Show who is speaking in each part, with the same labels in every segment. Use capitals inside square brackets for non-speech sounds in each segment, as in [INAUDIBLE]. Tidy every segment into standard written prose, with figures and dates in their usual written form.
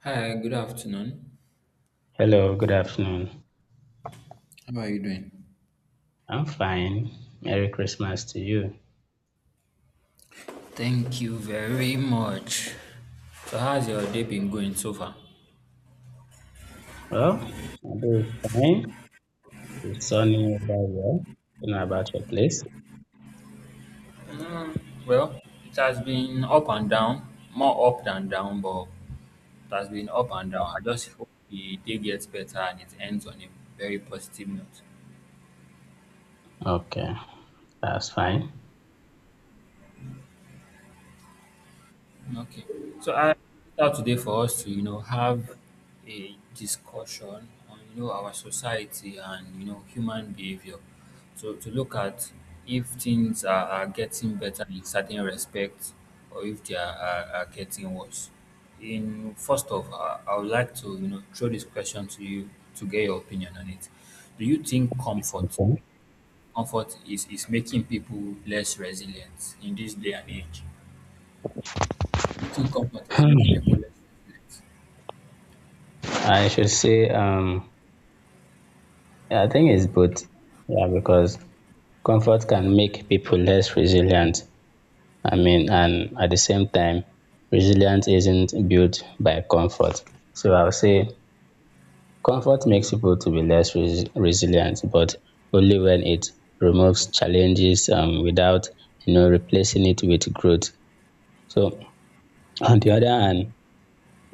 Speaker 1: Hi, good afternoon.
Speaker 2: Hello, good afternoon.
Speaker 1: How are you doing?
Speaker 2: I'm fine. Merry Christmas to you.
Speaker 1: Thank you very much. So, how's your day been going so far?
Speaker 2: Well, my day is fine. It's sunny over here. You know about your place?
Speaker 1: Mm, well, it has been up and down, more up than down, but it has been up and down. I just hope the day gets better and it ends on a very positive note.
Speaker 2: Okay, that's fine.
Speaker 1: Okay. So I out today for us to, have a discussion on, our society and, human behavior. So to look at if things are getting better in certain respects or if they are getting worse. In first of all, I would like to, throw this question to you to get your opinion on it. Do you think comfort
Speaker 2: Okay.
Speaker 1: comfort is making people less resilient in this day and age? Eating comfort is making people
Speaker 2: Hmm.
Speaker 1: less resilient.
Speaker 2: I should say, um, yeah, I think it's both. Yeah, because comfort can make people less resilient. I mean, and at the same time, resilience isn't built by comfort. So I'll say comfort makes people to be resilient but only when it removes challenges without replacing it with growth. So on the
Speaker 1: Okay.
Speaker 2: other hand,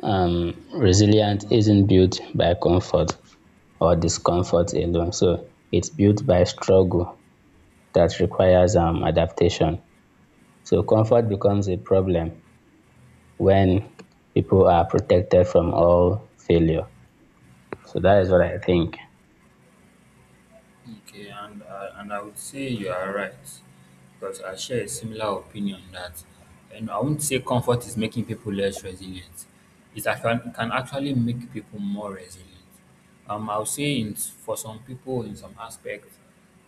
Speaker 2: resilience isn't built by comfort or discomfort alone, so it's built by struggle that requires adaptation. So comfort becomes a problem when people are protected from all failure. So that is what I think.
Speaker 1: Okay, and and I would say you are right because I share a similar opinion that, and I won't say comfort is making people less resilient. Can actually make people more resilient. I would say in, for some people, in some aspects,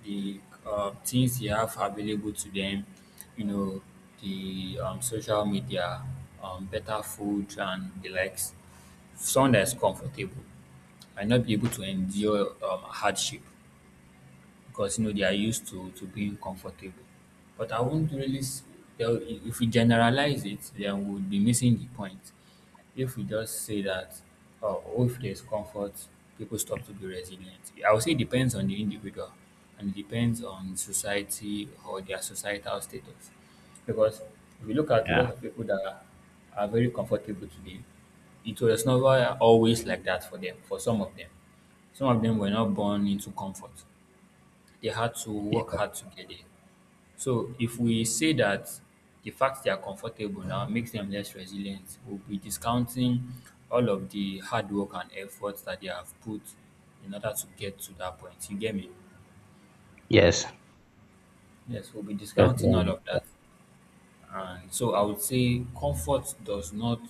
Speaker 1: the things they have available to them, you know, the social media, better food, and the likes, someone that is comfortable might not be able to endure hardship because you know they are used to being comfortable. But I won't really tell if we generalize it, then we'll be missing the point. If we just say that, oh, if there's comfort, people stop to be resilient. I would say it depends on the individual and it depends on society or their societal status. Because if you look at a lot
Speaker 2: Yeah.
Speaker 1: of people that are very comfortable today, it was never always like that for them, for some of them. Some of them were not born into comfort they had to work hard together. So if we say that the fact they are comfortable now makes them less resilient, we'll be discounting all of the hard work and efforts that they have put in order to get to that point. You get me?
Speaker 2: Yes.
Speaker 1: Yes, we'll be
Speaker 2: That's
Speaker 1: discounting
Speaker 2: very.
Speaker 1: all of that. And so I would say comfort does not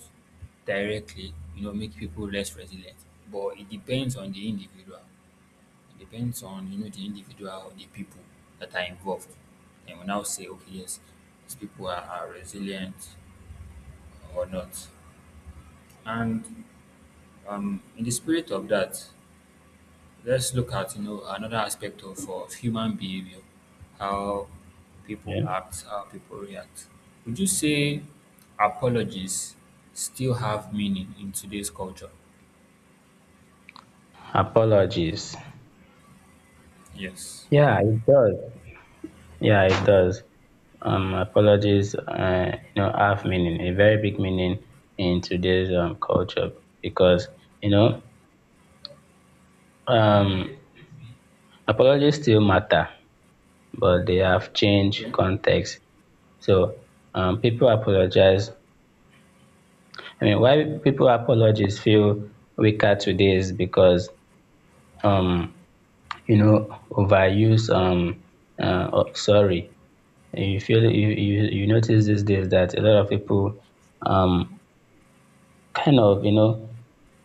Speaker 1: directly, make people less resilient, but it depends on the individual. It depends on you know the individual, the people that are involved. And we now say, okay, yes, these people are resilient or not. And in the spirit of that, let's look at you know another aspect of human behavior, how people
Speaker 2: Yeah.
Speaker 1: act, how people react. Would you say apologies still have meaning in today's culture?
Speaker 2: Apologies.
Speaker 1: Yes.
Speaker 2: Yeah, it does. Yeah, it does. Apologies, you know, have meaning, a very big meaning in today's culture, because, you know, um, apologies still matter, but they have
Speaker 1: Yeah.
Speaker 2: changed context. So people apologize. I mean, why people apologies feel weaker today is because, um, you know, overuse of sorry. You feel you notice these days that a lot of people um kind of, you know,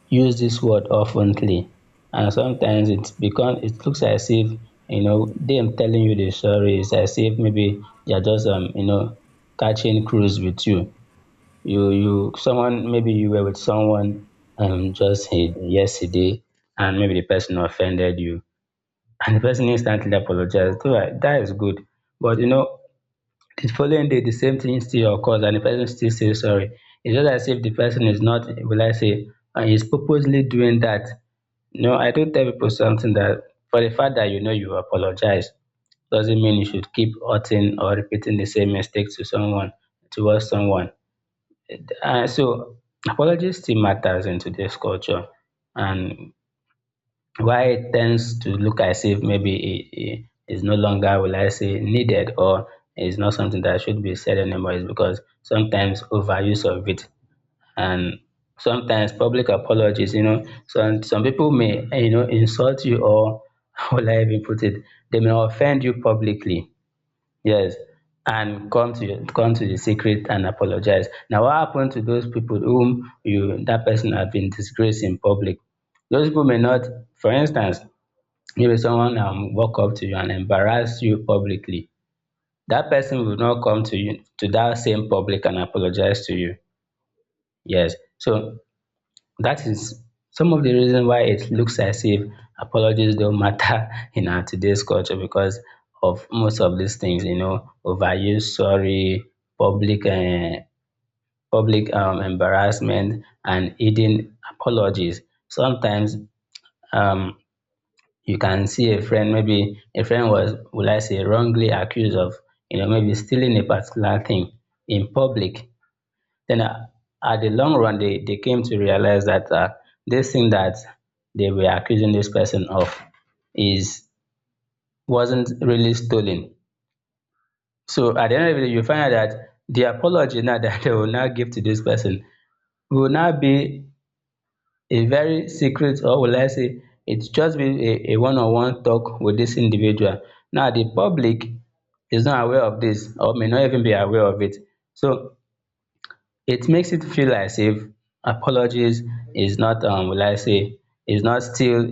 Speaker 2: use this word oftenly, and sometimes it becomes, it looks as if, you know, them telling you the story is as if maybe they're just, you know, catching cruise with you. You someone, maybe you were with someone, just yesterday, and maybe the person offended you, and the person instantly apologized, so that is good. But, you know, the following day the same thing still occurs and the person still says sorry. It's just as if the person is not, will I say, is purposely doing that. No, I don't tell people something that for the fact that, you know, you apologize doesn't mean you should keep hurting or repeating the same mistake to someone, towards someone. So apologies still matters in today's culture. And why it tends to look as if maybe it is no longer, will I say, needed or is not something that should be said anymore is because sometimes overuse of it, and sometimes public apologies, you know, some people may, eh, you know, insult you or [LAUGHS] how will I even put it? They may offend you publicly. Yes. And come to the secret and apologize. Now, what happened to those people whom you that person have been disgraced in public? Those people may not, for instance, maybe someone walk up to you and embarrass you publicly. That person will not come to you to that same public and apologize to you. Yes. So that is some of the reason why it looks as if apologies don't matter [LAUGHS] in our today's culture because of most of these things, you know, overuse sorry, public uh, public embarrassment, and hidden apologies. Sometimes um, you can see a friend, maybe a friend was, will I say, wrongly accused of, you know, maybe stealing a particular thing in public. Then at the long run they came to realize that this thing that they were accusing this person of is wasn't really stolen. So at the end of the day you find out that the apology now that [LAUGHS] they will now give to this person will now be a very secret, or will I say it's just been a one-on-one talk with this individual. Now the public is not aware of this or may not even be aware of it. So it makes it feel as if apologies is not, will I say, is not still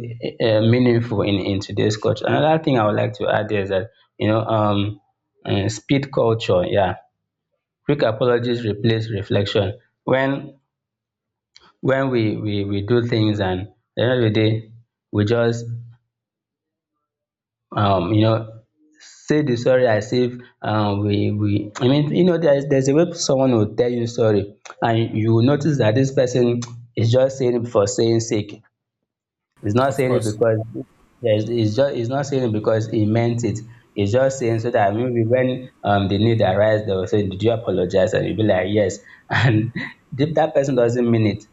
Speaker 2: meaningful in today's culture. Another thing I would like to add there is that, you know, speed culture, yeah. Quick apologies replace reflection. When we do things and at the end of the day, we just you know, say the sorry as if, we we I mean, you know, there's a way someone will tell you sorry and you will notice that this person is just saying it for saying sake. He's not
Speaker 1: Of
Speaker 2: saying it
Speaker 1: course.
Speaker 2: because yes, he's not saying it because he meant it. He's just saying so that maybe when the need arises, they will say, "Did you apologize?" And you'll be like, "Yes." [LAUGHS] And if that person doesn't mean it,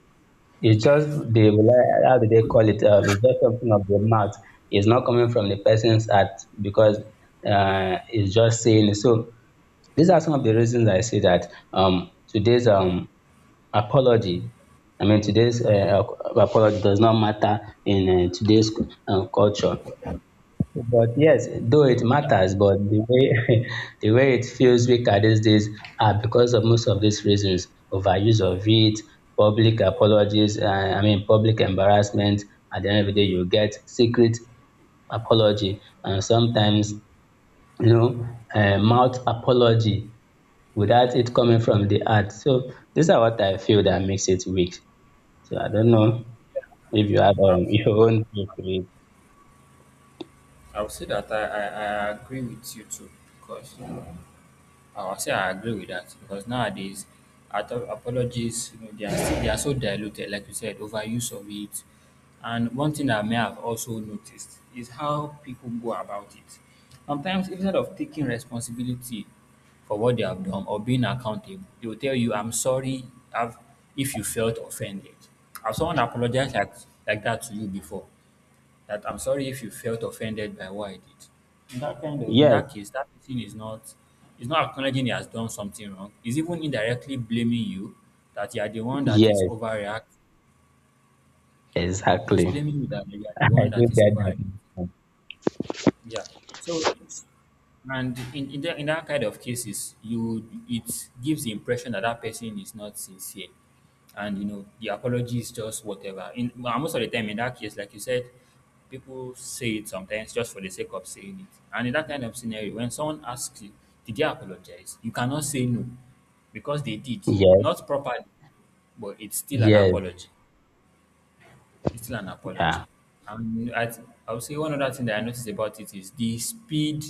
Speaker 2: it's just how do they call it? It's just something of the mouth. It's not coming from the person's heart because it's just saying it. So these are some of the reasons I say that apology, today's apology does not matter in today's culture. But yes, though it
Speaker 1: Yeah.
Speaker 2: matters, but the way [LAUGHS] the way it feels weaker these days are because of most of these reasons: overuse of it, public apologies. I mean, public embarrassment. At the end of the day, you get secret apology, and sometimes, you know, mouth apology without it coming from the heart. So these are what I feel that makes it weak. So I don't know if you have
Speaker 1: I've
Speaker 2: [LAUGHS] your own view to it.
Speaker 1: I would say that I agree with you too, because I would say I agree with that because nowadays, apologies you know they are still, they are so diluted, like you said, overuse of it. And one thing I may have also noticed is how people go about it. Sometimes instead of taking responsibility for what they have done or being accountable, they will tell you, "I'm sorry, I've, if you felt offended." Have someone apologized like that to you before? That I'm sorry if you felt offended by what I did. In
Speaker 2: Yes,
Speaker 1: that case, that person is not acknowledging he has done something wrong. He's even indirectly blaming you that you are the one that is
Speaker 2: yes,
Speaker 1: overreacting. He's
Speaker 2: exactly.
Speaker 1: blaming you that you are the
Speaker 2: I
Speaker 1: one
Speaker 2: do
Speaker 1: that is
Speaker 2: get that.
Speaker 1: overreacting. Yeah. So And in that kind of cases, you it gives the impression that that person is not sincere, and you know the apology is just whatever. In well, most of the time, in that case, like you said, people say it sometimes just for the sake of saying it. And in that kind of scenario, when someone asks you, "Did they apologize?" you cannot say no because they did
Speaker 2: Yes,
Speaker 1: not properly, but it's still an
Speaker 2: yes,
Speaker 1: apology. It's still an apology.
Speaker 2: yeah,
Speaker 1: And I would say one other thing that I noticed about it is the speed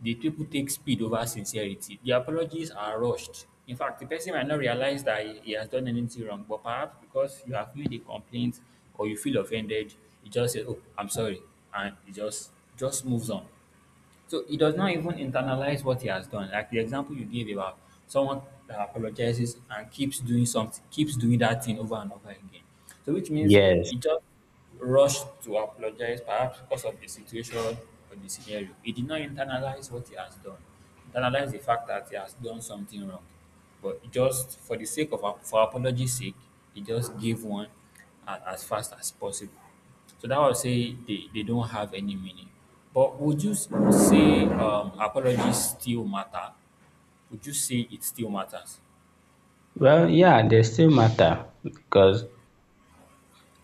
Speaker 1: the people take speed over sincerity. The apologies are rushed. In fact, the person might not realize that he has done anything wrong, but perhaps because you have made a complaint or you feel offended, you just say, "Oh, I'm sorry," and it just moves on. So he does not even internalize what he has done. Like the example you gave about someone that apologizes and keeps doing something, keeps doing that thing over and over again. So which means
Speaker 2: yes.
Speaker 1: he just rushed to apologize, perhaps because of the situation or the scenario. He did not internalize what he has done, internalize the fact that he has done something wrong. But he just for the sake of for apology's sake, he just gave one as fast as possible. So that would say they don't have any meaning. But would you say apologies still matter? Would you say it still matters?
Speaker 2: Well, yeah, they still matter because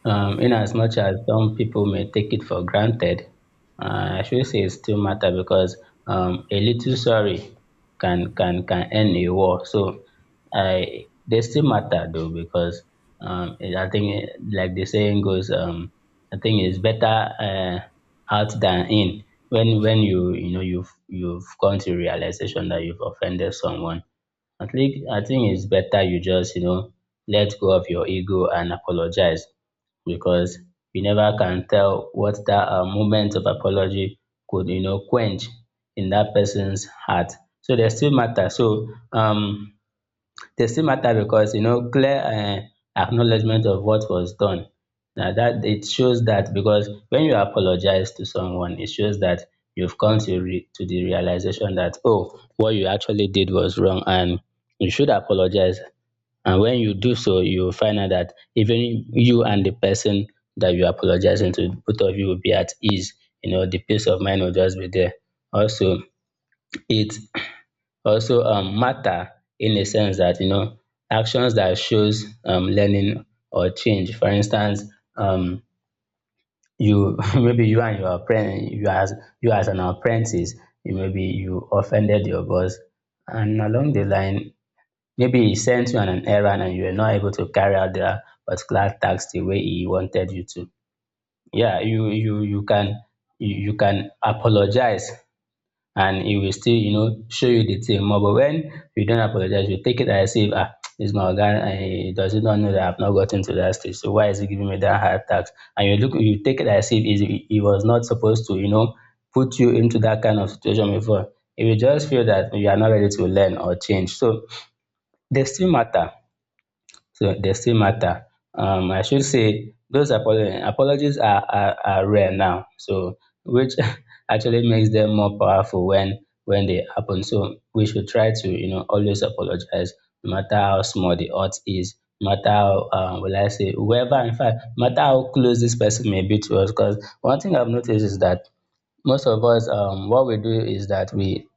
Speaker 2: In as much as some people may take it for granted, I should say it still matter because a little sorry can end a war. So I, they still matter though because I think eh, like the saying goes, I think it's better uh, out than in. When you you know you've come to realization that you've offended someone. I think it's better you just, you know, let go of your ego and apologize because you never can tell what that moment of apology could, you know, quench in that person's heart. So they still matter. So they still matter because, you know, clear acknowledgement of what was done now. That it shows that because when you apologize to someone, it shows that you've come to to the realization that, oh, what you actually did was wrong, and you should apologize. And when you do so, you will find out that even you and the person that you're apologizing to, both of you will be at ease. You know, the peace of mind will just be there. Also, it also matter in a sense that, you know, actions that shows learning or change. For instance, um you [LAUGHS] maybe you as an apprentice, you maybe you offended your boss, and along the line maybe he sent you on an errand and you were not able to carry out the particular task the way he wanted you to. Yeah, you can, you can apologize and he will still, you know, show you the thing more. But when you don't apologize, you take it as if, ah, this my guy, and he does not know that I've not gotten to that stage. So why is he giving me that hard tax? And you look, you take it as if he was not supposed to, you know, put you into that kind of situation before. If you just feel that you are not ready to learn or change, so they still matter. So they still matter. I should say those apologies, are rare now. So which [LAUGHS] actually makes them more powerful when they happen. So we should try to, you know, always apologize, no matter how small the hurt is, no matter how, will I say, whoever, in fact, no matter how close this person may be to us. Because one thing I've noticed is that most of us, what we do is that we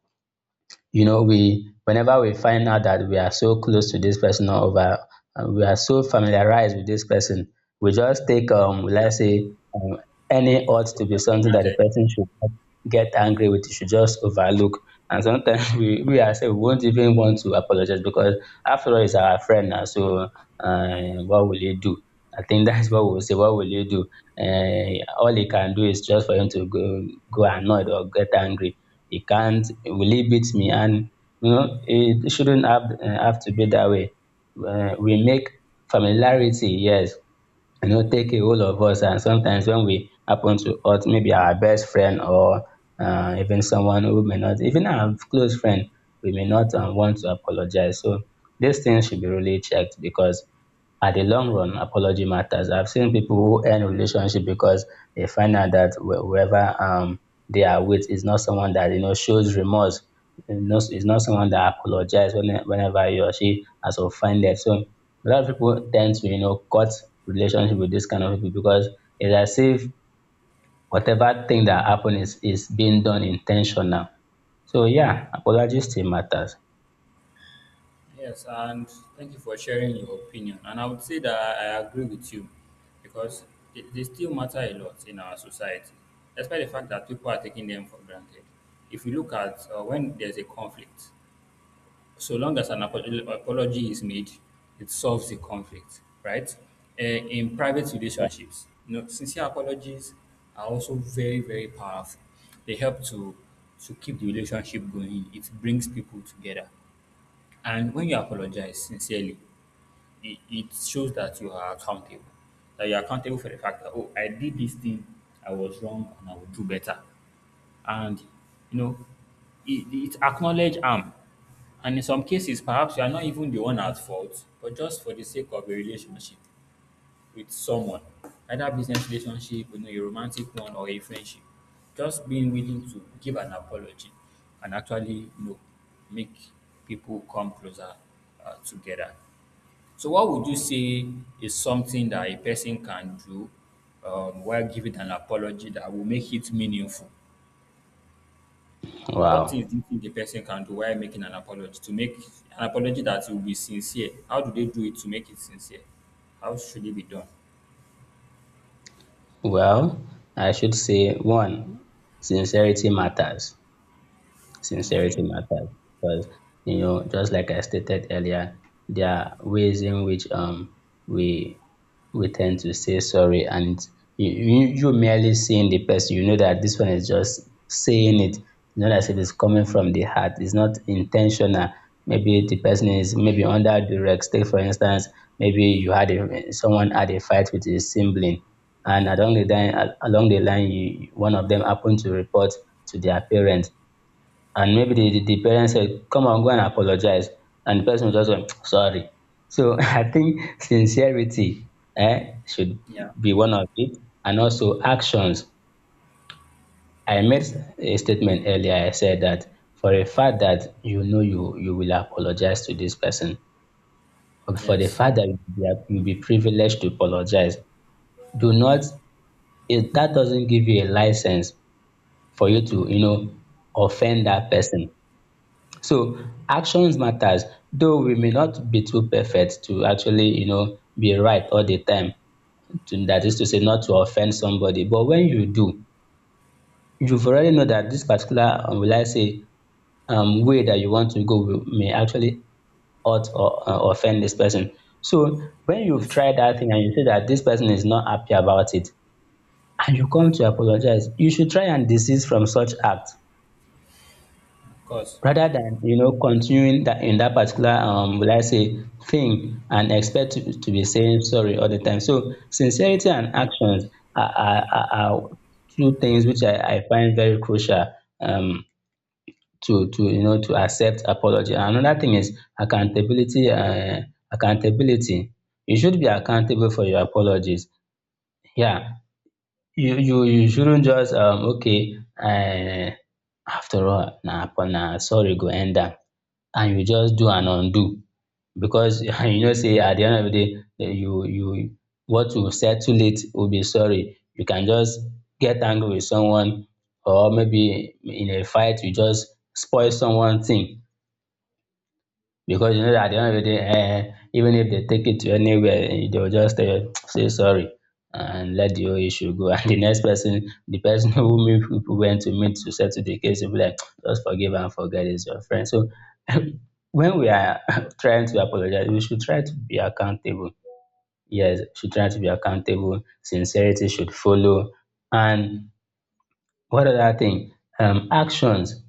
Speaker 2: you know, we whenever we find out that we are so close to this person, we are so familiarized with this person, we just take, let's say, any ought to
Speaker 1: Take
Speaker 2: be
Speaker 1: them for
Speaker 2: something that the
Speaker 1: granted.
Speaker 2: person should not get angry with. You should just overlook, and sometimes [LAUGHS] we ourselves won't even want to apologize because after all it's our friend now. So what will you do, I think, [LAUGHS] that's what we'll say. What will you do? All he can do is just for him to go annoyed or get angry. He can't, will he beat me? And you know, it shouldn't have to be that way. We make familiarity, yes, you know, take a whole of us, and sometimes when we happen to hurt maybe our best friend or even someone who may not, even our close friend, we may not want to apologize. So these things should be really checked because at the long run, apology matters. I've seen people who end relationship because they find out that whoever they are with is not someone that, you know, shows remorse. It's not someone that apologizes whenever he or she has offended. So a lot of people tend to, you know, cut relationship with this kind of people because it's as if whatever thing that happened is being done intentional. So yeah, apology still matters.
Speaker 1: Yes, and thank you for sharing your opinion. And I would say that I agree with you because they still matter a lot in our society, despite the fact that people are taking them for granted. If you look at when there's a conflict, So long as an apology is made, it solves the conflict, right? Eh, in private
Speaker 2: Yeah.
Speaker 1: relationships, you know, sincere apologies are also very, very powerful. They help to keep the relationship going. It brings people together. And when you apologize sincerely, it shows that you are accountable. That you're accountable for the fact that, oh, I did this thing, I was wrong, and I will do better and you know it acknowledge harm and in some cases perhaps you are not even the one at fault but just for the sake of a relationship with someone either business relationship you know a romantic one or a friendship just being willing to give an apology and actually you know make people come closer together so what would you say is something that a person can do while giving an apology that will make it meaningful What
Speaker 2: Wow.
Speaker 1: things do you think a person can do while making an apology to make an apology that will be sincere? How do they do it to make it sincere? How should it be done?
Speaker 2: Well, I should say one, sincerity matters. Sincerity
Speaker 1: Okay.
Speaker 2: matters because, you know, just like I stated earlier, there are ways in which we we tend to say sorry and you merely seeing the person, you know that this one is just saying it. You know that it is coming from the heart. It's not intentional. Maybe the person is maybe under duress. Take for instance, maybe someone had a fight with his sibling, and along the line, you, one of them happened to report to their parents and maybe the parents said, come on, go and apologize. And the person just went, sorry. So [LAUGHS] I think sincerity should
Speaker 1: Yeah.
Speaker 2: be one of it. And also actions. I made a statement earlier. I said that for a fact that, you know, you will apologize to this person, or for the
Speaker 1: Yes.
Speaker 2: fact that you'll be privileged to apologize, do not, that doesn't give you a license for you to, you know, offend that person. So actions matters, though we may not be too perfect to actually, you know, be right all the time. To, that is to say, not to offend somebody. But when you do, you've already know that this particular, will I say, way that you want to go will, may actually hurt or offend this person. So when you've
Speaker 1: Yes.
Speaker 2: tried that thing and you see that this person is not happy about it, and you come to apologize, you should try and desist from such act,
Speaker 1: Of course.
Speaker 2: rather than, you know, continuing that in that particular will I say thing and expect to be saying sorry all the time. So sincerity and actions are two things which I find very crucial um to you know, to accept apology. And another thing is accountability, accountability. You should be accountable for your apologies. Yeah, you shouldn't just okay, after all na upon na sorry go end am, and you just do and undo because [LAUGHS] you know sey at the end of the day, you what you settle it will be sorry. You can just get angry with someone or maybe in a fight you just spoil someone thing because you know that at the end of the day, eh, even if they take it to anywhere, eh, they'll just say sorry and let the whole issue go. [LAUGHS] And the next person, the person who [LAUGHS] meet people went to meet to settle the case, will be like, just forgive and forget is your friend. So [LAUGHS] when we are [LAUGHS] trying to apologize, we should try to be accountable. Yes, should try to be accountable. Sincerity should follow. And what other thing? Actions.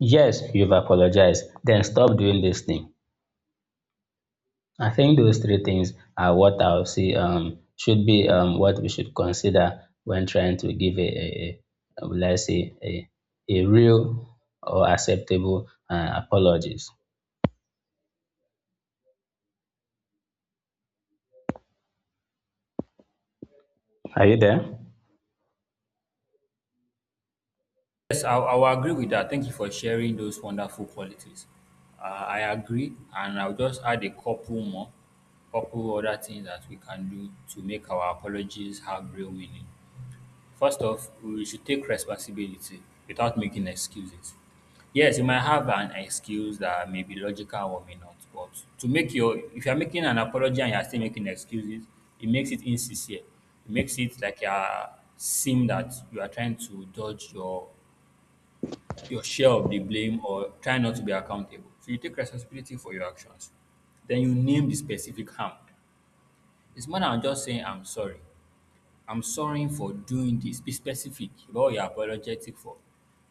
Speaker 2: Yes, you've apologized. Then stop doing this thing. I think those three things are what I would say should be what we should consider when trying to give a, will I say a real or acceptable apologies. Are you there?
Speaker 1: Yes, I will agree with that. Thank you for sharing those wonderful qualities. I agree, and I'll just add a couple more, couple other things that we can do to make our apologies have real meaning. First off, we should take responsibility without making excuses. Yes, you might have an excuse that may be logical or may not, but to make your if you're making an apology and you're still making excuses, it makes it insincere. It makes it like you're seem that you are trying to dodge your share of the blame or try not to be accountable. So you take responsibility for your actions. Then you name the specific harm. It's more than just saying I'm sorry. I'm sorry for doing this. Be specific about what you're apologetic for.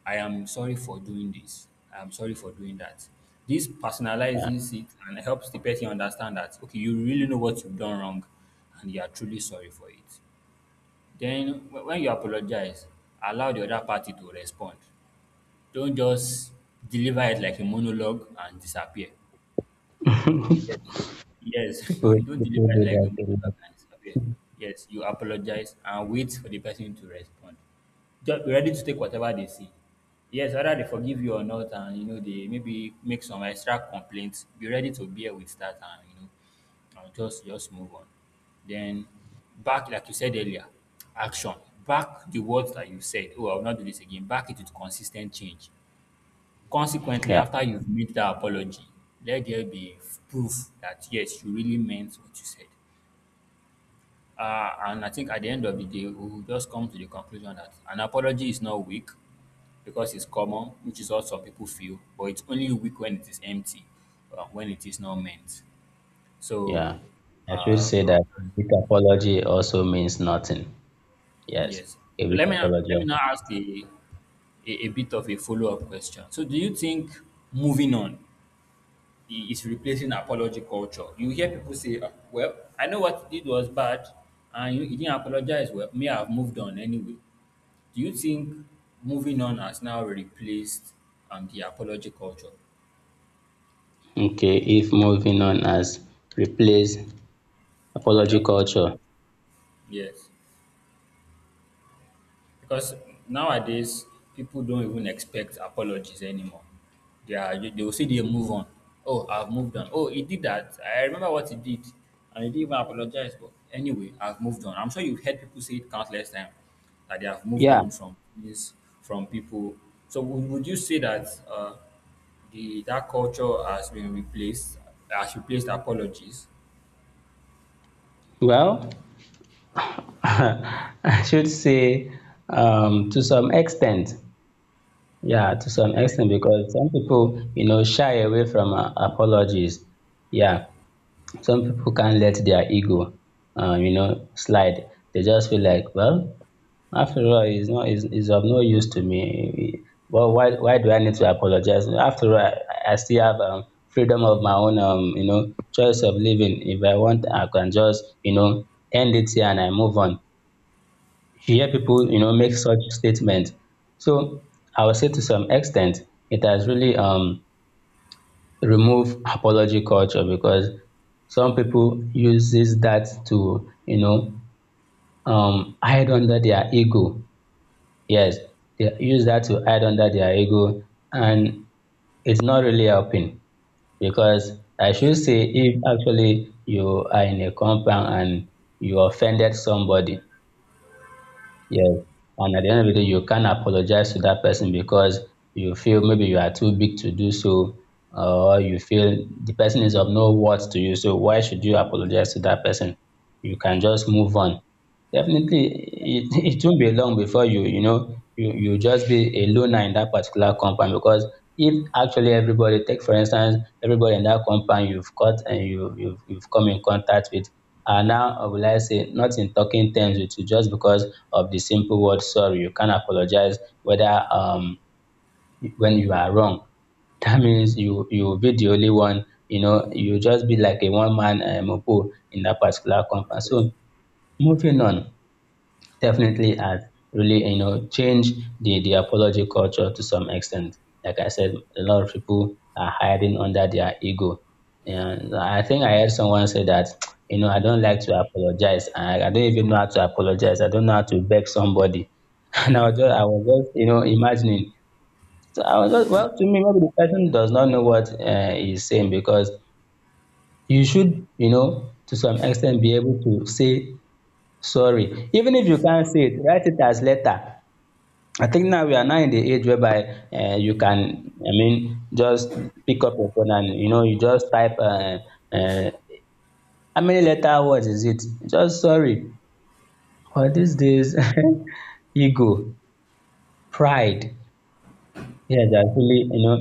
Speaker 1: I am sorry for doing this. I am sorry for doing that. This
Speaker 2: Yeah.
Speaker 1: personalizes it and helps the person understand that, okay, you really know what you've done wrong and you are truly sorry for it. Then, when you apologize, allow the other party to respond. Don't just deliver it like a monologue and disappear. Yes. Yes. [LAUGHS] You don't
Speaker 2: People
Speaker 1: deliver it
Speaker 2: do
Speaker 1: like a
Speaker 2: that a
Speaker 1: multiple
Speaker 2: lot.
Speaker 1: times. Okay, Yes, you apologize and wait for the person to respond. Just be ready to take whatever they see. Yes, whether they forgive you or not, and you know, they maybe make some extra complaints, be ready to bear with that and you know, and just move on. Then back like you said earlier, action. Back the words that you said, oh, I'll not do this again. Back it with consistent change. Consequently,
Speaker 2: Yeah,
Speaker 1: after you've made that apology, let there be proof that yes, you really meant what you said. And I think at the end of the day, we'll just come to the conclusion that an apology is not weak because it's common, which is what some people feel, but it's only weak when it is empty, when it is not meant. So,
Speaker 2: yeah. I should
Speaker 1: uh,
Speaker 2: say that a big apology also means nothing. Yes,
Speaker 1: yes.
Speaker 2: a
Speaker 1: So
Speaker 2: big
Speaker 1: let
Speaker 2: apology.
Speaker 1: me now ask the a bit of a follow-up question. So do you think moving on is replacing apology culture. You hear people say, "Ah, well, I know what he did was bad and you, he didn't apologize. Well, may I have moved on anyway. Do you think moving on has now replaced the apology culture?
Speaker 2: Okay, if moving on as replace
Speaker 1: The
Speaker 2: apology
Speaker 1: apolo-
Speaker 2: culture.
Speaker 1: yes. Because nowadays, people don't even expect apologies anymore. They will say they move on. Oh, I've moved on. Oh, he did that. I remember what he did, and he didn't even apologize. But anyway, I've moved on. I'm sure you've heard people say it countless times that they have moved
Speaker 2: Yeah,
Speaker 1: on from this, from people. So would you say that the that culture has been replaced, has replaced apologies?
Speaker 2: well, [LAUGHS] I should say, to some extent. Yeah, to
Speaker 1: Okay,
Speaker 2: some extent, because some people, you know, shy away from apologies. Yeah, some people can't let their ego, you know, slide. They just feel like, well, after all, it's not, it's of no use to me. Well, why do I need to apologize? After all, I still have freedom of my own, you know, choice of living. If I want, I can just, you know, end it here and I move on, if you hear people, you know, make such statements. So I would say, to some extent, it has really removed apology culture, because some people uses that to, you know, hide under their ego. Yes, they use that to hide under their ego, and it's not really helping because I should say if actually you are in a compound and you offended somebody. Yes, and at the end of the day, you can't apologize to that person because you feel maybe you are too big to do so, or you feel the person is of no worth to you. So why should you apologize to that person? You can just move on. Definitely, it [LAUGHS] it won't be long before you know you just be a loner in that particular compound, because if actually everybody, take for instance, everybody in that compound you've got and you've come in contact with are now will I say not in talking terms with you just because of the simple word sorry, you can't apologize whether when you are wrong. [LAUGHS] That means you will be the only one, you know, you just be like a one man, opo in that particular
Speaker 1: Of
Speaker 2: compound.
Speaker 1: course.
Speaker 2: So moving on definitely has really, you know, changed the apology culture to some extent. Like I said, a lot of people are hiding under their ego. And I think I heard someone say that, [TSK] you know, I don't like to apologize. I don't even know how to apologize. I don't know how to beg somebody. [LAUGHS] And I was just, you know, imagining. So I was just, well, to me, maybe the person does not know what he's saying, because you should, you know, to some extent be able to say sorry. Even if you can't say it, write it as letter. I think now we are now in the age whereby you can, I mean, just pick up your phone and you know you just type uh, how many letter words is it? Just sorry, but these days [LAUGHS] ego, pride, yeah, they actually, you know,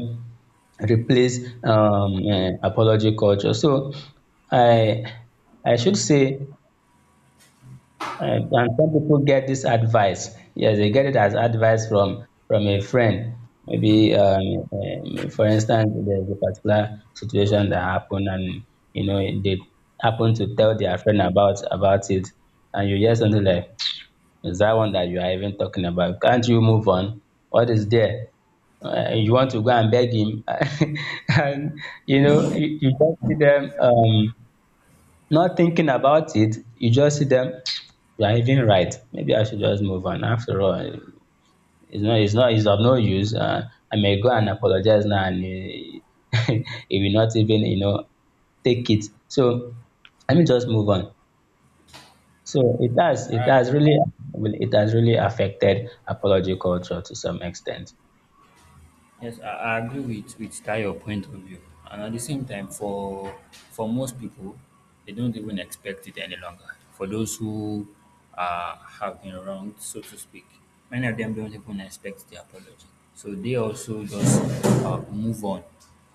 Speaker 2: replace apology culture. So I I should say. And some people get this advice. Yes, they get it as advice from a friend. Maybe, for instance, there's a particular situation that happened, and you know they happen to tell their friend about it, and you hear something like, "Is that one that you are even talking about? Can't you move on? What is there? You want to go and beg him?" [LAUGHS] And you know, you just see them. Not thinking about it, you just see them, you are even right. Maybe I should just move on. After all, it's of no use. I may go and apologize now, and he, [LAUGHS] he will not even, you know, take it. So let me just move on. So it has really affected apology culture to some extent.
Speaker 1: Yes, I agree with that your point of view, and at the same time, for most people, they don't even expect it any longer. For those who have been wronged, so to speak, many of them don't even expect the apology, so they also just move on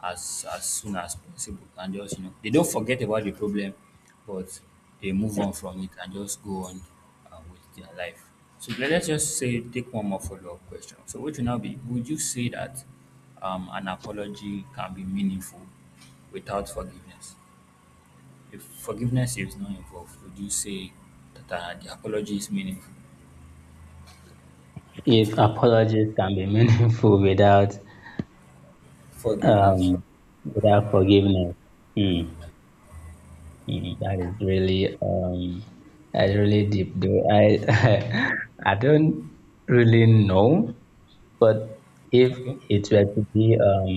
Speaker 1: as soon as possible, and just you know they don't forget about the problem, but they move on from it and just go on with their life. So let's just say take one more follow-up question. So which will now be would you say that an apology can be meaningful without forgiveness? If forgiveness is not involved, would you say that the apology is meaningful?
Speaker 2: If apologies can be [LAUGHS] meaningful without,
Speaker 1: Forgiveness.
Speaker 2: um, without forgiveness, hmm, mm, that is really that is really deep though. I [LAUGHS] I don't really know, but if
Speaker 1: Okay.
Speaker 2: it were to be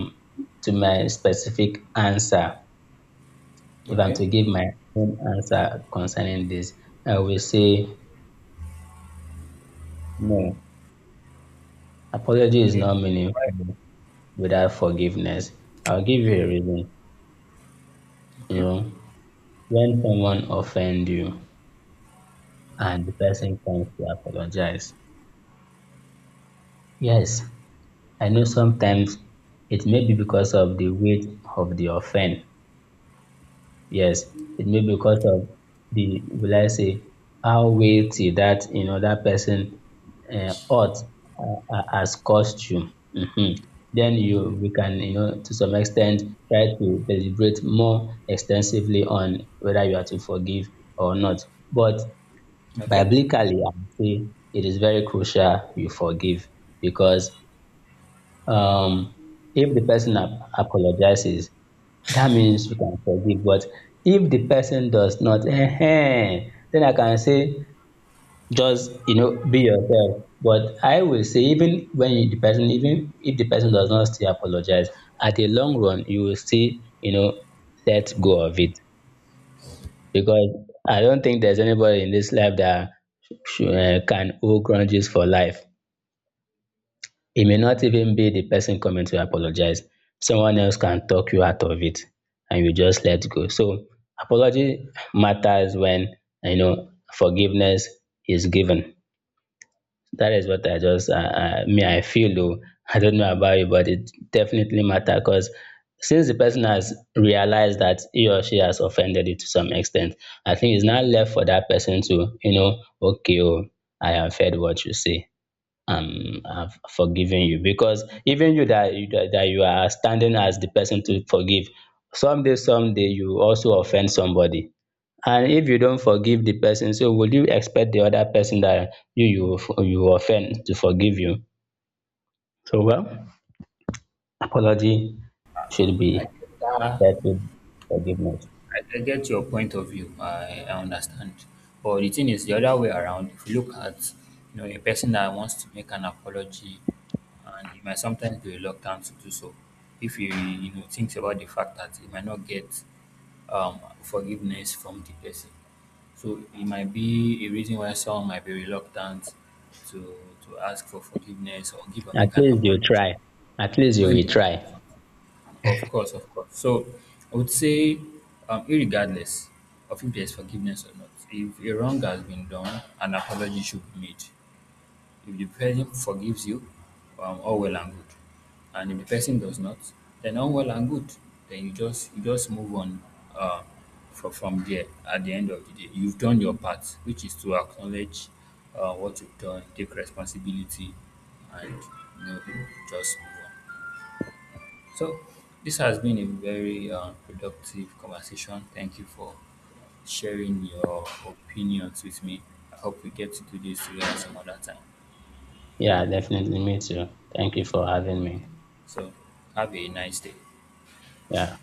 Speaker 2: to my specific answer, if I'm
Speaker 1: Okay.
Speaker 2: to give my own answer concerning this, I will say no. Apology is
Speaker 1: Okay.
Speaker 2: not
Speaker 1: Right.
Speaker 2: meaningful without forgiveness. I'll give you a reason. You
Speaker 1: Okay.
Speaker 2: know, when someone offend you and the person comes to apologize, yes, I know sometimes it may be because of the weight of the offense. Yes, it may be because of will I say, how weighty that, you know, that person ought has caused you, hmm. Then you, we can, you know, to some extent try to deliberate more extensively on whether you are to forgive or not. But
Speaker 1: Okay.
Speaker 2: biblically, I would say it is very crucial you forgive because um if the person ap apologizes, that means you can forgive. But if the person does not, ehen, then I can say just, you know, be yourself. But I will say even when you the person even if the person does not still apologize, at the long run you will still, you know, let go of it, because I don't think there's anybody in this life that should can hold grudges for life. It may not even be the person coming to apologize. Someone else can talk you out of it and you just let go. So apology matters when, you know, forgiveness is given. That is what I just, me, I feel though. [LAUGHS] I don't know about you, but it definitely matters because since the person has realized that he or she has offended you to some extent, I think it's not left for that person to, you know, okay, oh, I have heard what you say, have forgiven you. Because even you that that you are standing as the person to forgive, someday, someday you also offend somebody, and if you don't forgive the person, so would you expect the other person that you offend to forgive you? So, well, apology should be
Speaker 1: I get that.
Speaker 2: set forgiveness.
Speaker 1: I get your point of view. I understand. But the thing is, the other way around, if you look at you know a person that wants to make an apology, and he might sometimes be reluctant to do so, if he you know thinks about the fact that he might not get forgiveness from the person, so it might be a reason why someone might be reluctant to to ask for forgiveness or give or
Speaker 2: At
Speaker 1: make an
Speaker 2: least you
Speaker 1: apology
Speaker 2: try, at least you
Speaker 1: when
Speaker 2: will
Speaker 1: they are
Speaker 2: try.
Speaker 1: of course, of course. So I would say, irregardless of if there's forgiveness or not, if a wrong has been done, an apology should be made. If the person forgives you, all well and good. And if the person does not, then all well and good. Then you just move on uh, from there. At the end of the day, you've done your part, which is to acknowledge what you've done, take responsibility, and you know, just move on. So, this has been a very productive conversation. Thank you for sharing your opinions with me. I hope we get to do this together some other time.
Speaker 2: Yeah, definitely, me too. Thank you for having me.
Speaker 1: So, have a nice day.
Speaker 2: Yeah.